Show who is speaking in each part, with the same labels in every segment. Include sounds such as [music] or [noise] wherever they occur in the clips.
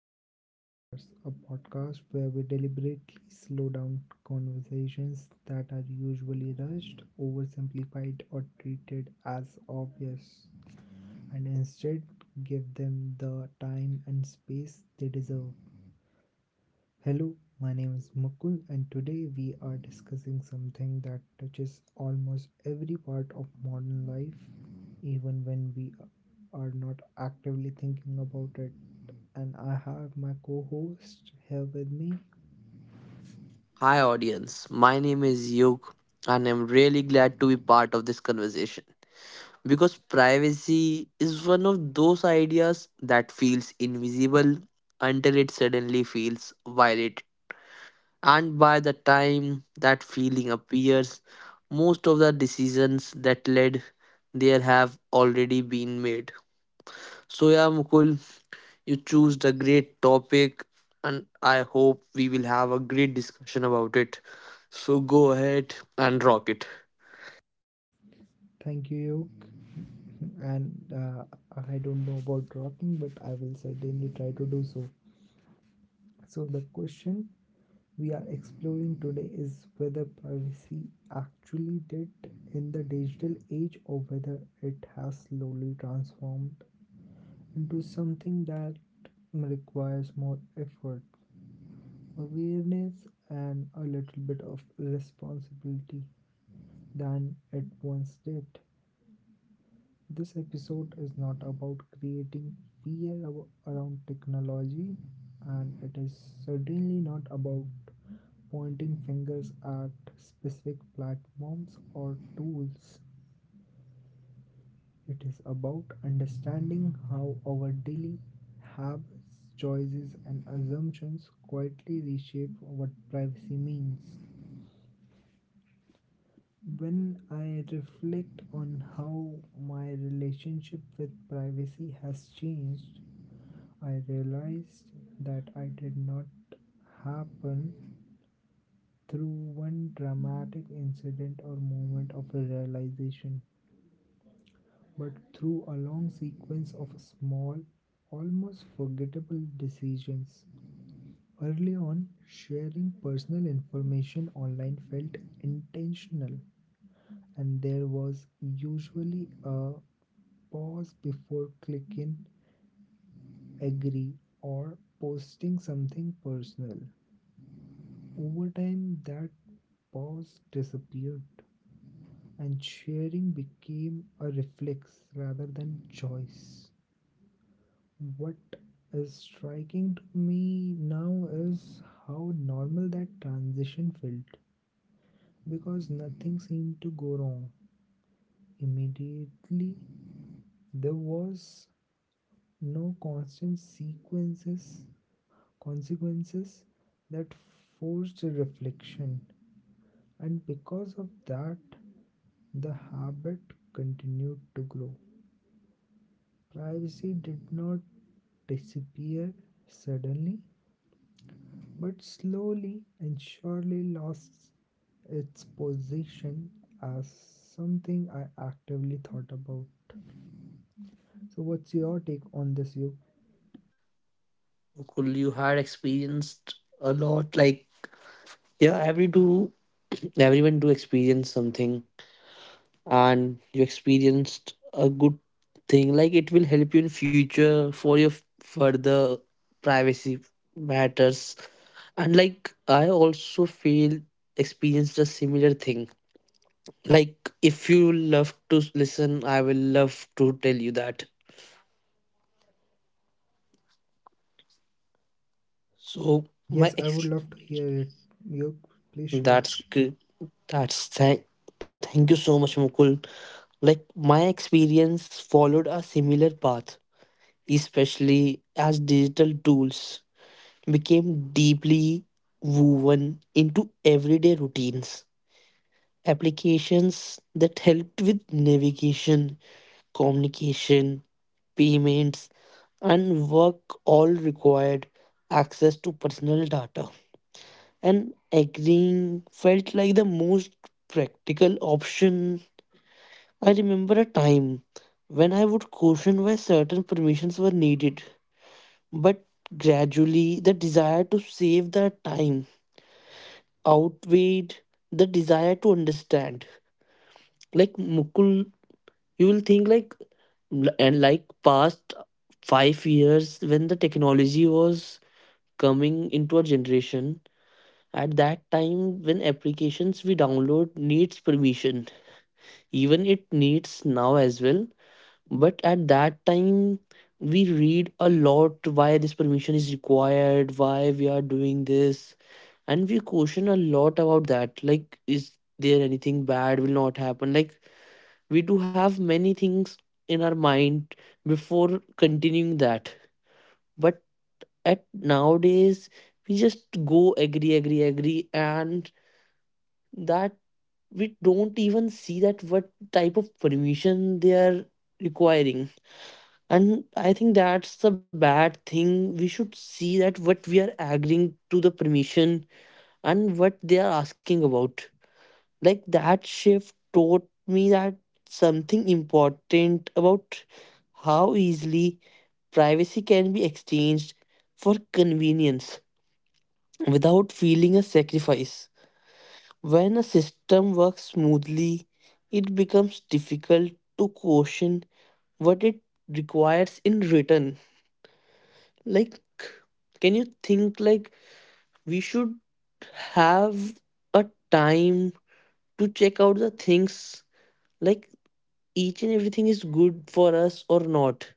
Speaker 1: back to Office Hours, a podcast where we deliberately slow down conversations that are usually rushed, oversimplified, or treated as obvious, and instead give them the time and space they deserve. Hello, my name is Mukul, and today we are discussing something that touches almost every part of modern life, even when we are not actively thinking about it. And I have my co host here with me.
Speaker 2: Hi, audience. My name is Yug, and I'm really glad to be part of this conversation because privacy is one of those ideas that feels invisible until it suddenly feels violated. And by the time that feeling appears, most of the decisions that led there have already been made. So, yeah, Mukul, you choose the great topic, and I hope we will have a great discussion about it. So go ahead and rock it.
Speaker 1: Thank you, Yoke. And uh, I don't know about rocking, but I will certainly try to do so. So, the question we are exploring today is whether privacy actually did in the digital age or whether it has slowly transformed into something that requires more effort, awareness, and a little bit of responsibility than it once did. This episode is not about creating fear around technology, and it is certainly not about pointing fingers at specific platforms or tools. It is about understanding how our daily habits, choices, and assumptions quietly reshape what privacy means. When I reflect on how my relationship with privacy has changed, I realized that I did not happen through one dramatic incident or moment of realization, but through a long sequence of small, almost forgettable decisions. Early on, sharing personal information online felt intentional, and there was usually a pause before clicking agree or posting something personal. Over time, that pause disappeared and sharing became a reflex rather than choice. What is striking to me now is how normal that transition felt because nothing seemed to go wrong immediately. There was no constant sequences consequences that forced reflection, and because of that the habit continued to grow. Privacy did not disappear suddenly, but slowly and surely lost its position as something I actively thought about. So what's your take on this, you?
Speaker 2: Cool, you had experienced a lot. Like yeah, every do [clears throat] everyone do experience something, and you experienced a good thing. Like it will help you in future for your further privacy matters. And like I also feel experienced a similar thing. Like, if you love to listen, I will love to tell you that. So,
Speaker 1: Yes,
Speaker 2: my
Speaker 1: I would
Speaker 2: ex.
Speaker 1: love to hear it. You please share.
Speaker 2: That's good. That's thank. Thank you so much, Mukul. Like, my experience followed a similar path, especially as digital tools became deeply woven into everyday routines. Applications that helped with navigation, communication, payments, and work all required access to personal data. And agreeing felt like the most practical option. I remember a time when I would question why certain permissions were needed, but gradually the desire to save the time outweighed the desire to understand. Like Mukul, you will think like and like past 5 years, when the technology was coming into our generation, at that time when applications we download needs permission, even it needs now as well. But at that time we read a lot: why this permission is required, why we are doing this, and we question a lot about that, like is there anything bad will not happen, like we do have many things in our mind before continuing that. But at nowadays we just go agree, agree, agree, and that, we don't even see that what type of permission they are requiring. And I think that's the bad thing. We should see that what we are agreeing to, the permission, and what they are asking about. Like, that shift taught me that something important about how easily privacy can be exchanged for convenience without feeling a sacrifice. When a system works smoothly, it becomes difficult to question what it requires in return. Like, can you think like we should have a time to check out the things, like each and everything is good for us or not?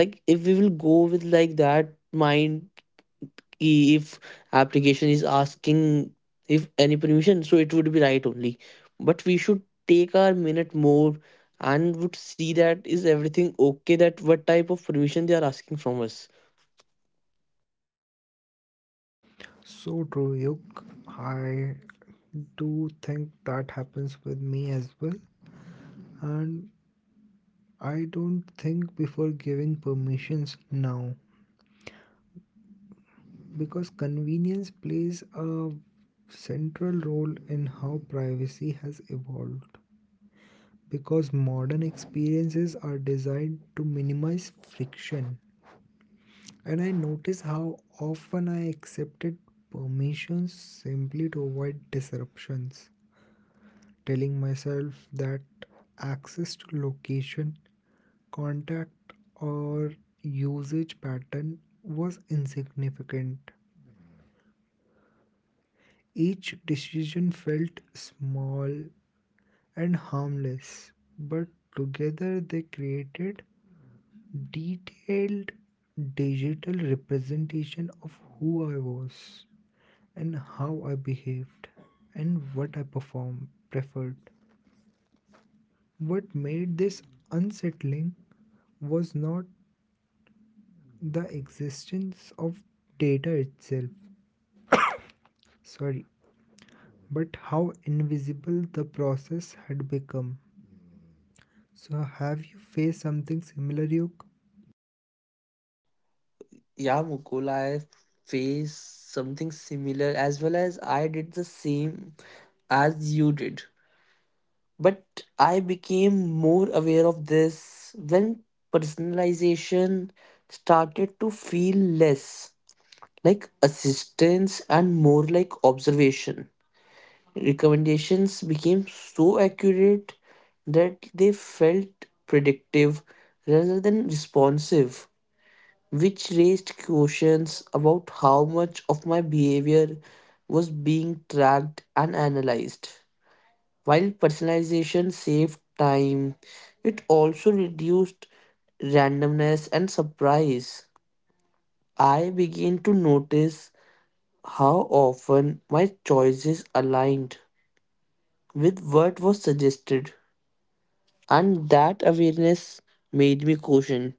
Speaker 2: Like if we will go with like that mind, ki if application is asking if any permission, so it would be right only. But we should take our minute more and would see that is everything okay, that what type of permission they are asking from us.
Speaker 1: So true, Yuk. I do think that happens with me as well. And I don't think before giving permissions now because convenience plays a central role in how privacy has evolved. Because modern experiences are designed to minimize friction. And I notice how often I accepted permissions simply to avoid disruptions, telling myself that access to location, contact, or usage pattern was insignificant. Each decision felt small and harmless, but together they created detailed digital representation of who I was and how I behaved and what I performed preferred. What made this unsettling was not the existence of data itself. Sorry, but how invisible the process had become. So, have you faced something similar, Yuk?
Speaker 2: Yeah, Mukul, I face something similar as well, as I did the same as you did. But I became more aware of this when personalization started to feel less like assistance and more like observation. Recommendations became so accurate that they felt predictive rather than responsive, which raised questions about how much of my behavior was being tracked and analyzed. While personalization saved time, it also reduced randomness and surprise. I began to notice how often my choices aligned with what was suggested, and that awareness made me question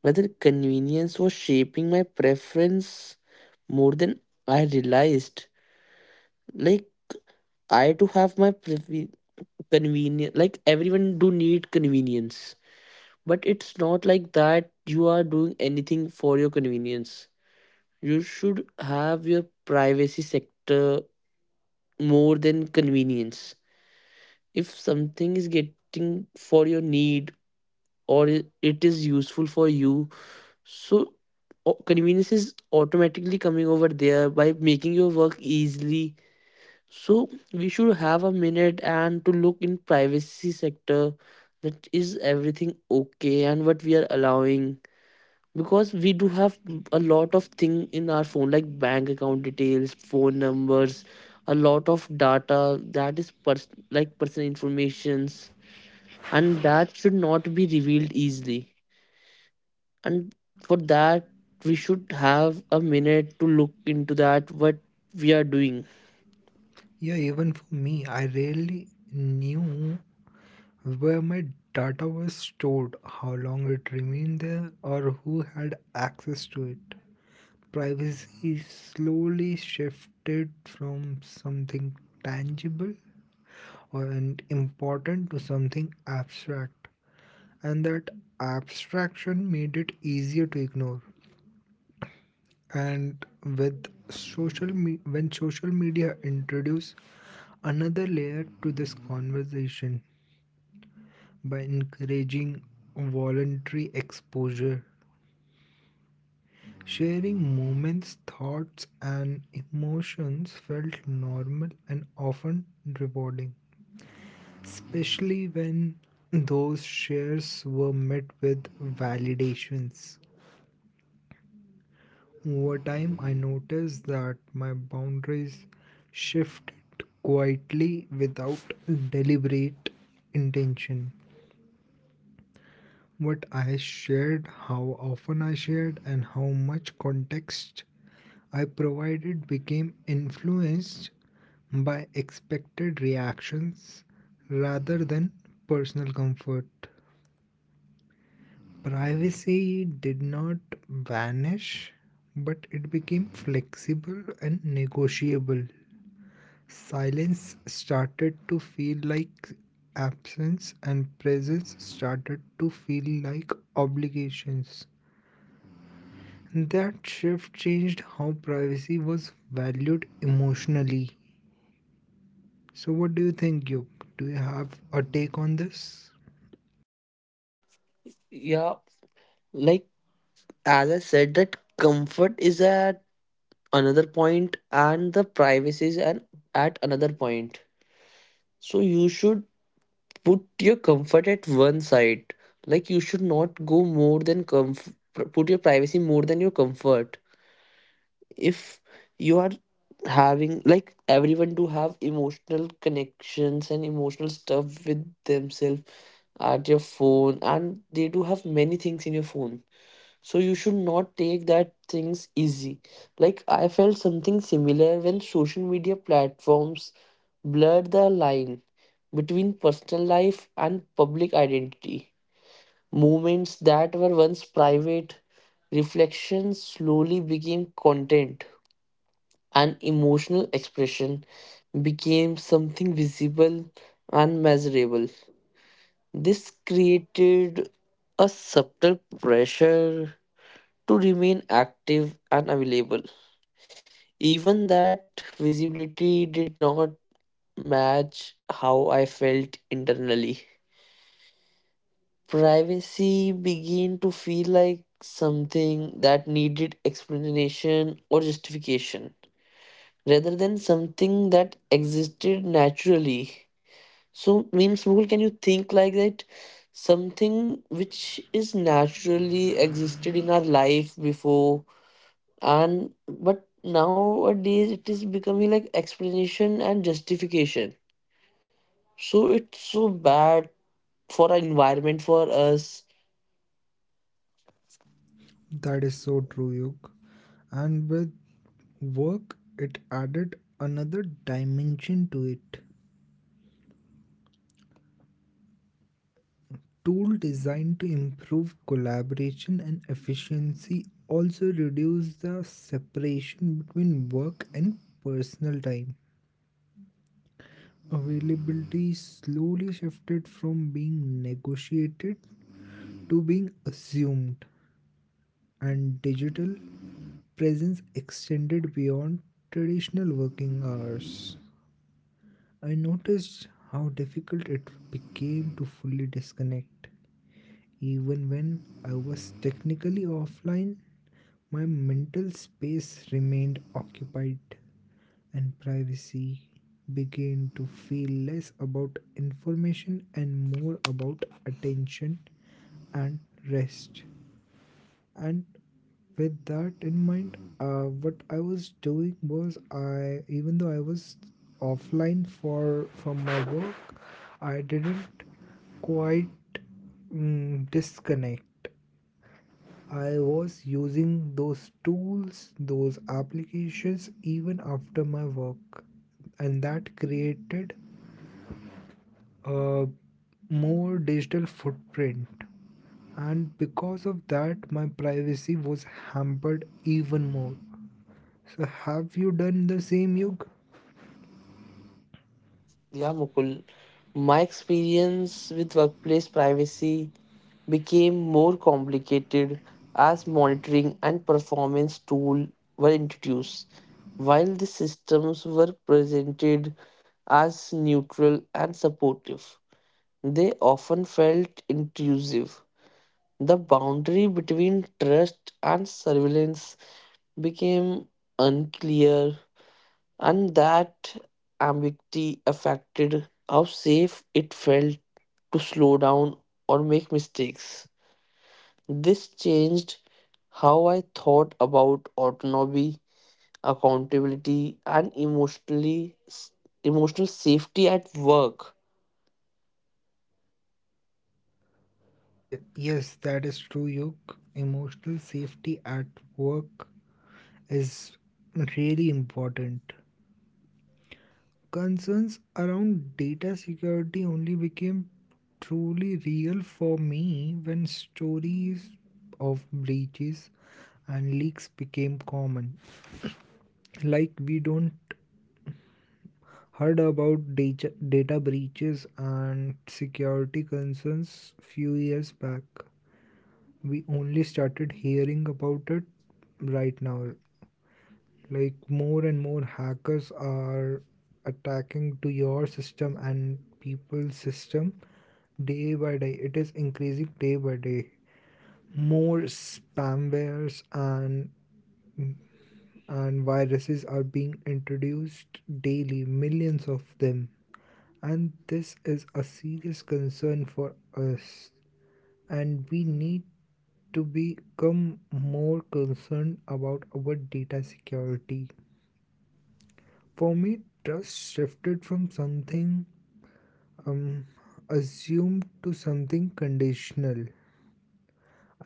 Speaker 2: whether convenience was shaping my preference more than I realized. Like, I do have my convenience. Like everyone do need convenience. But it's not like that you are doing anything for your convenience. You should have your privacy sector more than convenience. If something is getting for your need or it is useful for you, so convenience is automatically coming over there by making your work easily. So we should have a minute and to look in privacy sector, that is everything okay and what we are allowing, because we do have a lot of thing in our phone, like bank account details, phone numbers, a lot of data that is like personal informations, and that should not be revealed easily. And for that we should have a minute to look into that what we are doing.
Speaker 1: Yeah, even for me, I rarely knew where my data was stored, how long it remained there, or who had access to it. Privacy slowly shifted from something tangible or and important to something abstract, and that abstraction made it easier to ignore. And when social media introduced another layer to this conversation by encouraging voluntary exposure, sharing moments, thoughts, and emotions felt normal and often rewarding, especially when those shares were met with validations. Over time, I noticed that my boundaries shifted quietly without deliberate intention. What I shared, how often I shared, and how much context I provided became influenced by expected reactions rather than personal comfort. Privacy did not vanish, but it became flexible and negotiable. Silence started to feel like absence, and presence started to feel like obligations. That shift changed how privacy was valued emotionally. So, what do you think, Yuk? Do you have a take on this?
Speaker 2: Yeah, like as I said, that comfort is at another point and the privacy is at another point. So you should put your comfort at one side, like you should not go more than put your privacy more than your comfort. If you are having, like everyone do have emotional connections and emotional stuff with themselves at your phone, and they do have many things in your phone, so you should not take that things easy. Like, I felt something similar when social media platforms blurred the line between personal life and public identity. Moments that were once private reflections slowly became content, and emotional expression became something visible and measurable. This created a subtle pressure to remain active and available. Even that visibility did not match how I felt internally. Privacy began to feel like something that needed explanation or justification rather than something that existed naturally. So, means, Mukul, can you think like that? Something which is naturally existed in our life before, and but nowadays it is becoming like explanation and justification. So, it's so bad for our environment, for us.
Speaker 1: That is so true, Yug. And with work, it added another dimension to it. Tool designed to improve collaboration and efficiency also reduce the separation between work and personal time. Availability slowly shifted from being negotiated to being assumed, and digital presence extended beyond traditional working hours. I noticed how difficult it became to fully disconnect. Even when I was technically offline, my mental space remained occupied, and privacy began to feel less about information and more about attention and rest. And with that in mind, what I was doing was I, even though I was offline for from my work, I didn't quite disconnect. I was using those tools, those applications, even after my work, and that created a more digital footprint, and because of that my privacy was hampered even more. So have you done the same, Yug?
Speaker 2: Yeah, Mukul. My experience with workplace privacy became more complicated as monitoring and performance tools were introduced. While the systems were presented as neutral and supportive, they often felt intrusive. The boundary between trust and surveillance became unclear, and that ambiguity affected how safe it felt to slow down or make mistakes. This changed how I thought about autonomy, accountability, and emotional safety at work.
Speaker 1: Yeah, yes that is true, Yug. Emotional safety at work is really important. Concerns around data security only became truly real for me when stories of breaches and leaks became common. Like, we don't heard about data breaches and security concerns few years back. We only started hearing about it right now. Like, more and more hackers are attacking to your system and people's system day by day. It is increasing day by day. More spamwares and viruses are being introduced daily, millions of them. And this is a serious concern for us, and we need to become more concerned about our data security. For me, trust shifted from something um, assumed to something conditional.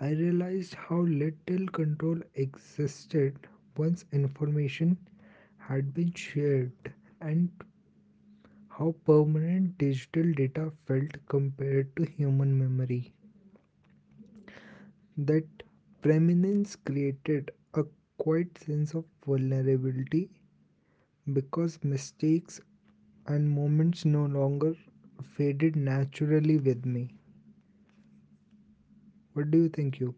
Speaker 1: I realized how little control existed once information had been shared and how permanent digital data felt compared to human memory. That preeminence created a quiet sense of vulnerability because mistakes and moments no longer faded naturally with me. What do you think, you?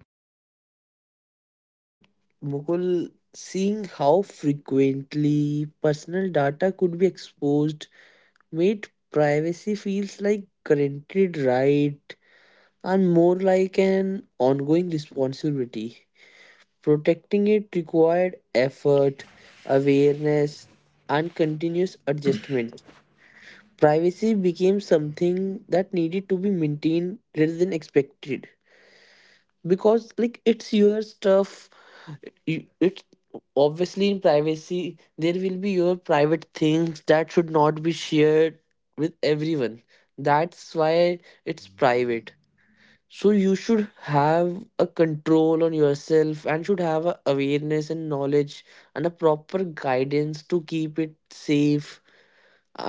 Speaker 2: Mukul, seeing how frequently personal data could be exposed made privacy feels like guaranteed right and more like an ongoing responsibility. Protecting it required effort, awareness, and continuous adjustment. Privacy became something that needed to be maintained rather than expected, because like it's your stuff, it's obviously, in privacy there will be your private things that should not be shared with everyone. That's why it's private. So you should have a control on yourself and should have a awareness and knowledge, and a proper guidance to keep it safe.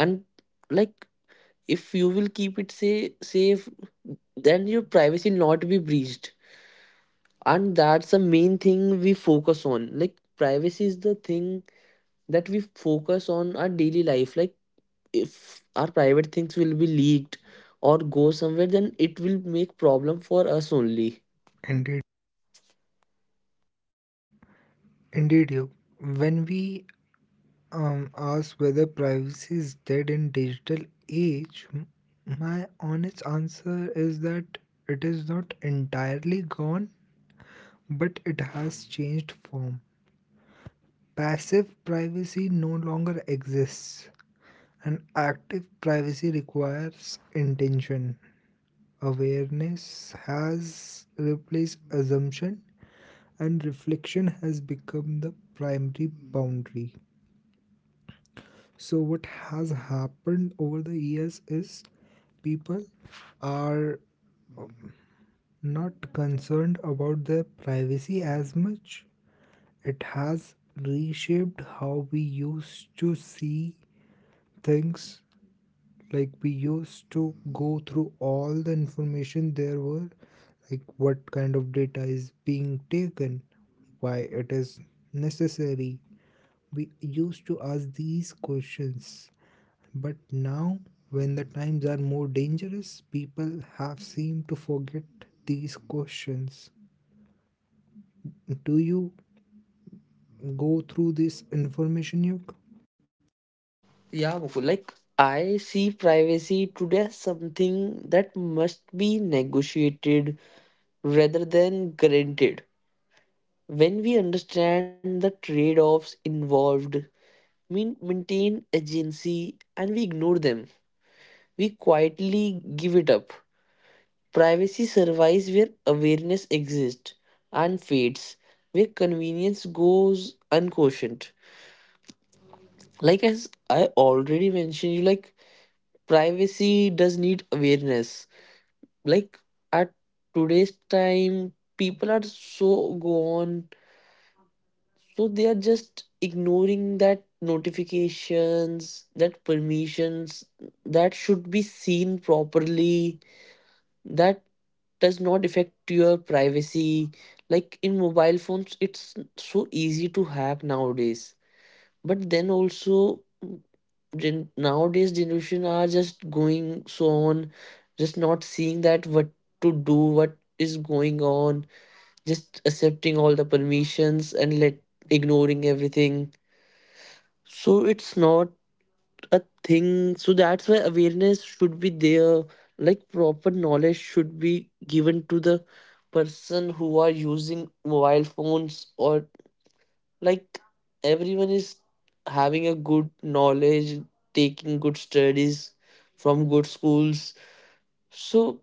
Speaker 2: And like, if you will keep it say, safe, then your privacy not be breached. And that's the main thing we focus on. Like privacy is the thing that we focus on our daily life. Like if our private things will be leaked or go somewhere, then it will make problem for us only.
Speaker 1: Indeed, indeed, you. When we ask whether privacy is dead in digital age, my honest answer is that it is not entirely gone, but it has changed form. Passive privacy no longer exists, and active privacy requires intention. Awareness has replaced assumption, and reflection has become the primary boundary. So, what has happened over the years is people are not concerned about their privacy as much. It has reshaped how we used to see things. Like, we used to go through all the information there were, like what kind of data is being taken, why it is necessary. We used to ask these questions, but now when the times are more dangerous, people have seemed to forget these questions. Do you go through this information, Yuk?
Speaker 2: Yeah, Mukul, like I see privacy today as something that must be negotiated rather than granted. When we understand the trade offs involved, we maintain agency, and we ignore them. We quietly give it up. Privacy survives where awareness exists and fades where convenience goes unquestioned. Like as I already mentioned, you, like privacy does need awareness. Like, at today's time people are so gone, so they are just ignoring that notifications, that permissions that should be seen properly, that does not affect your privacy. Like in mobile phones it's so easy to hack nowadays, but then also nowadays generation are just going so on, just not seeing that what to do, what is going on, just accepting all the permissions and let ignoring everything. So it's not a thing. So that's why awareness should be there. Like proper knowledge should be given to the person who are using mobile phones, or like everyone is having a good knowledge, taking good studies from good schools. So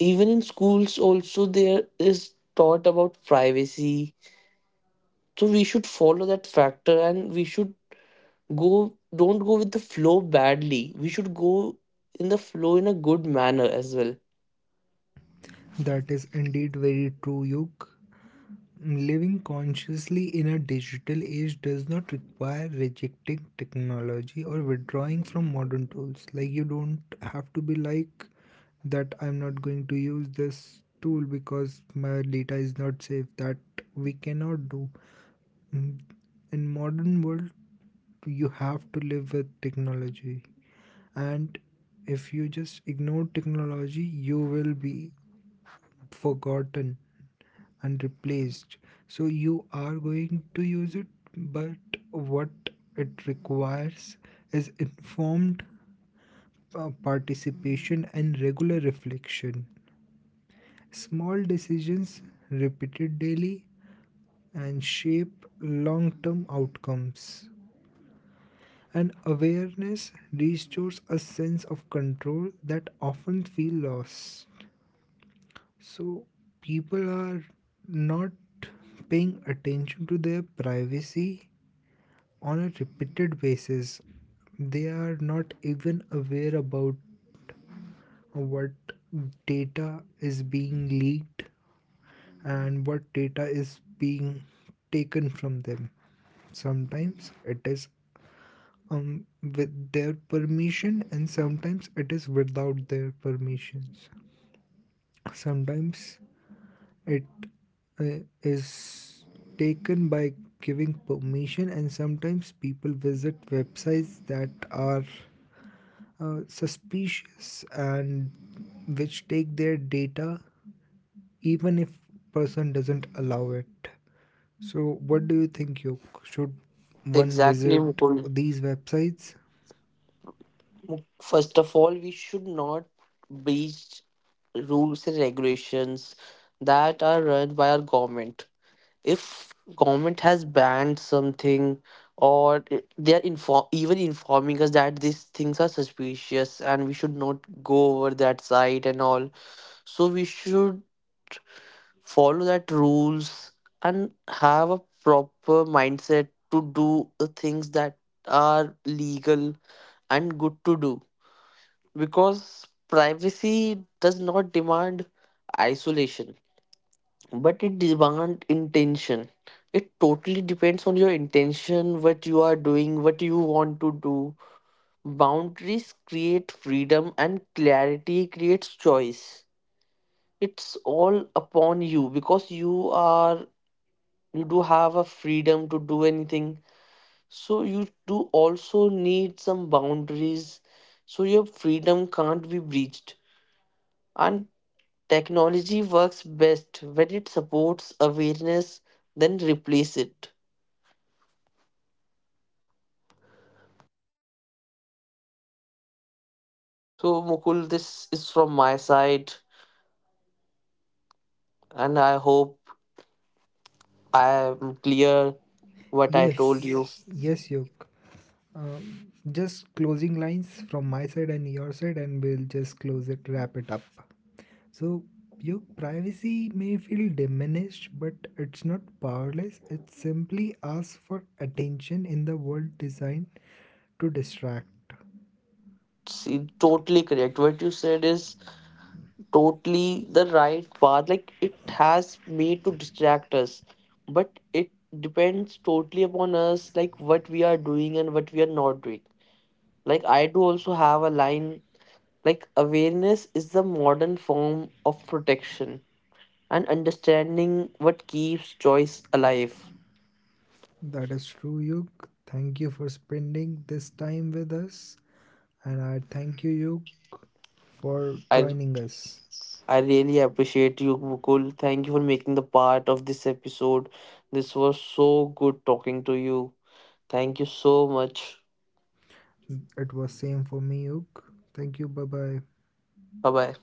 Speaker 2: even in schools also there is taught about privacy, so we should follow that factor, and we should go, don't go with the flow badly, we should go in the flow in a good manner as well.
Speaker 1: That is indeed very true, Yuk. Living consciously in a digital age does not require rejecting technology or withdrawing from modern tools. Like, you don't have to be like that, I'm not going to use this tool because my data is not safe. That we cannot do. Mm, In modern world, you have to live with technology. And if you just ignore technology, you will be forgotten and replaced. So you are going to use it, but what it requires is informed participation and regular reflection. Small decisions repeated daily and shape long term outcomes. And awareness restores a sense of control that often feel lost. So people are not paying attention to their privacy on a repeated basis. They are not even aware about what data is being leaked and what data is being taken from them. Sometimes it is with their permission, and sometimes it is without their permissions. Sometimes it is taken by giving permission, and sometimes people visit websites that are suspicious and which take their data even if person doesn't allow it. So what do you think you should one
Speaker 2: Exactly,
Speaker 1: visit
Speaker 2: Mukul.
Speaker 1: these websites?
Speaker 2: First of all, we should not breach rules and regulations that are run by our government. If government has banned something or i- they are informing us that these things are suspicious and we should not go over that site and all, so we should follow that rules and have a proper mindset to do the things that are legal and good to do. Because privacy does not demand isolation, but it demand intention. It totally depends on your intention, what you are doing, what you want to do. Boundaries create freedom and clarity creates choice. It's all upon you, because you are, you do have a freedom to do anything, so you do also need some boundaries, so your freedom can't be breached. And technology works best when it supports awareness, then replace it. So, Mukul, this is from my side, and I hope I am clear what I told you.
Speaker 1: Yes,
Speaker 2: Yes.
Speaker 1: yes, Yoke. Just closing lines from my side and your side and we'll just close it, wrap it up. So your privacy may feel diminished, but it's not powerless. It simply asks for attention in the world designed to distract.
Speaker 2: See, totally correct. What you said is totally the right path. Like, it has made to distract us, but it depends totally upon us, like what we are doing and what we are not doing. Like, I do also have a line. Like awareness is the modern form of protection and understanding what keeps choice alive.
Speaker 1: That is true, Yug. Thank you for spending this time with us. And I thank you, Yug, for
Speaker 2: I
Speaker 1: joining us.
Speaker 2: I really appreciate you, Mukul. Thank you for making the part of this episode. This was so good talking to you. Thank you so much.
Speaker 1: It was same for me, Yug. Thank you. Bye bye.
Speaker 2: Bye bye.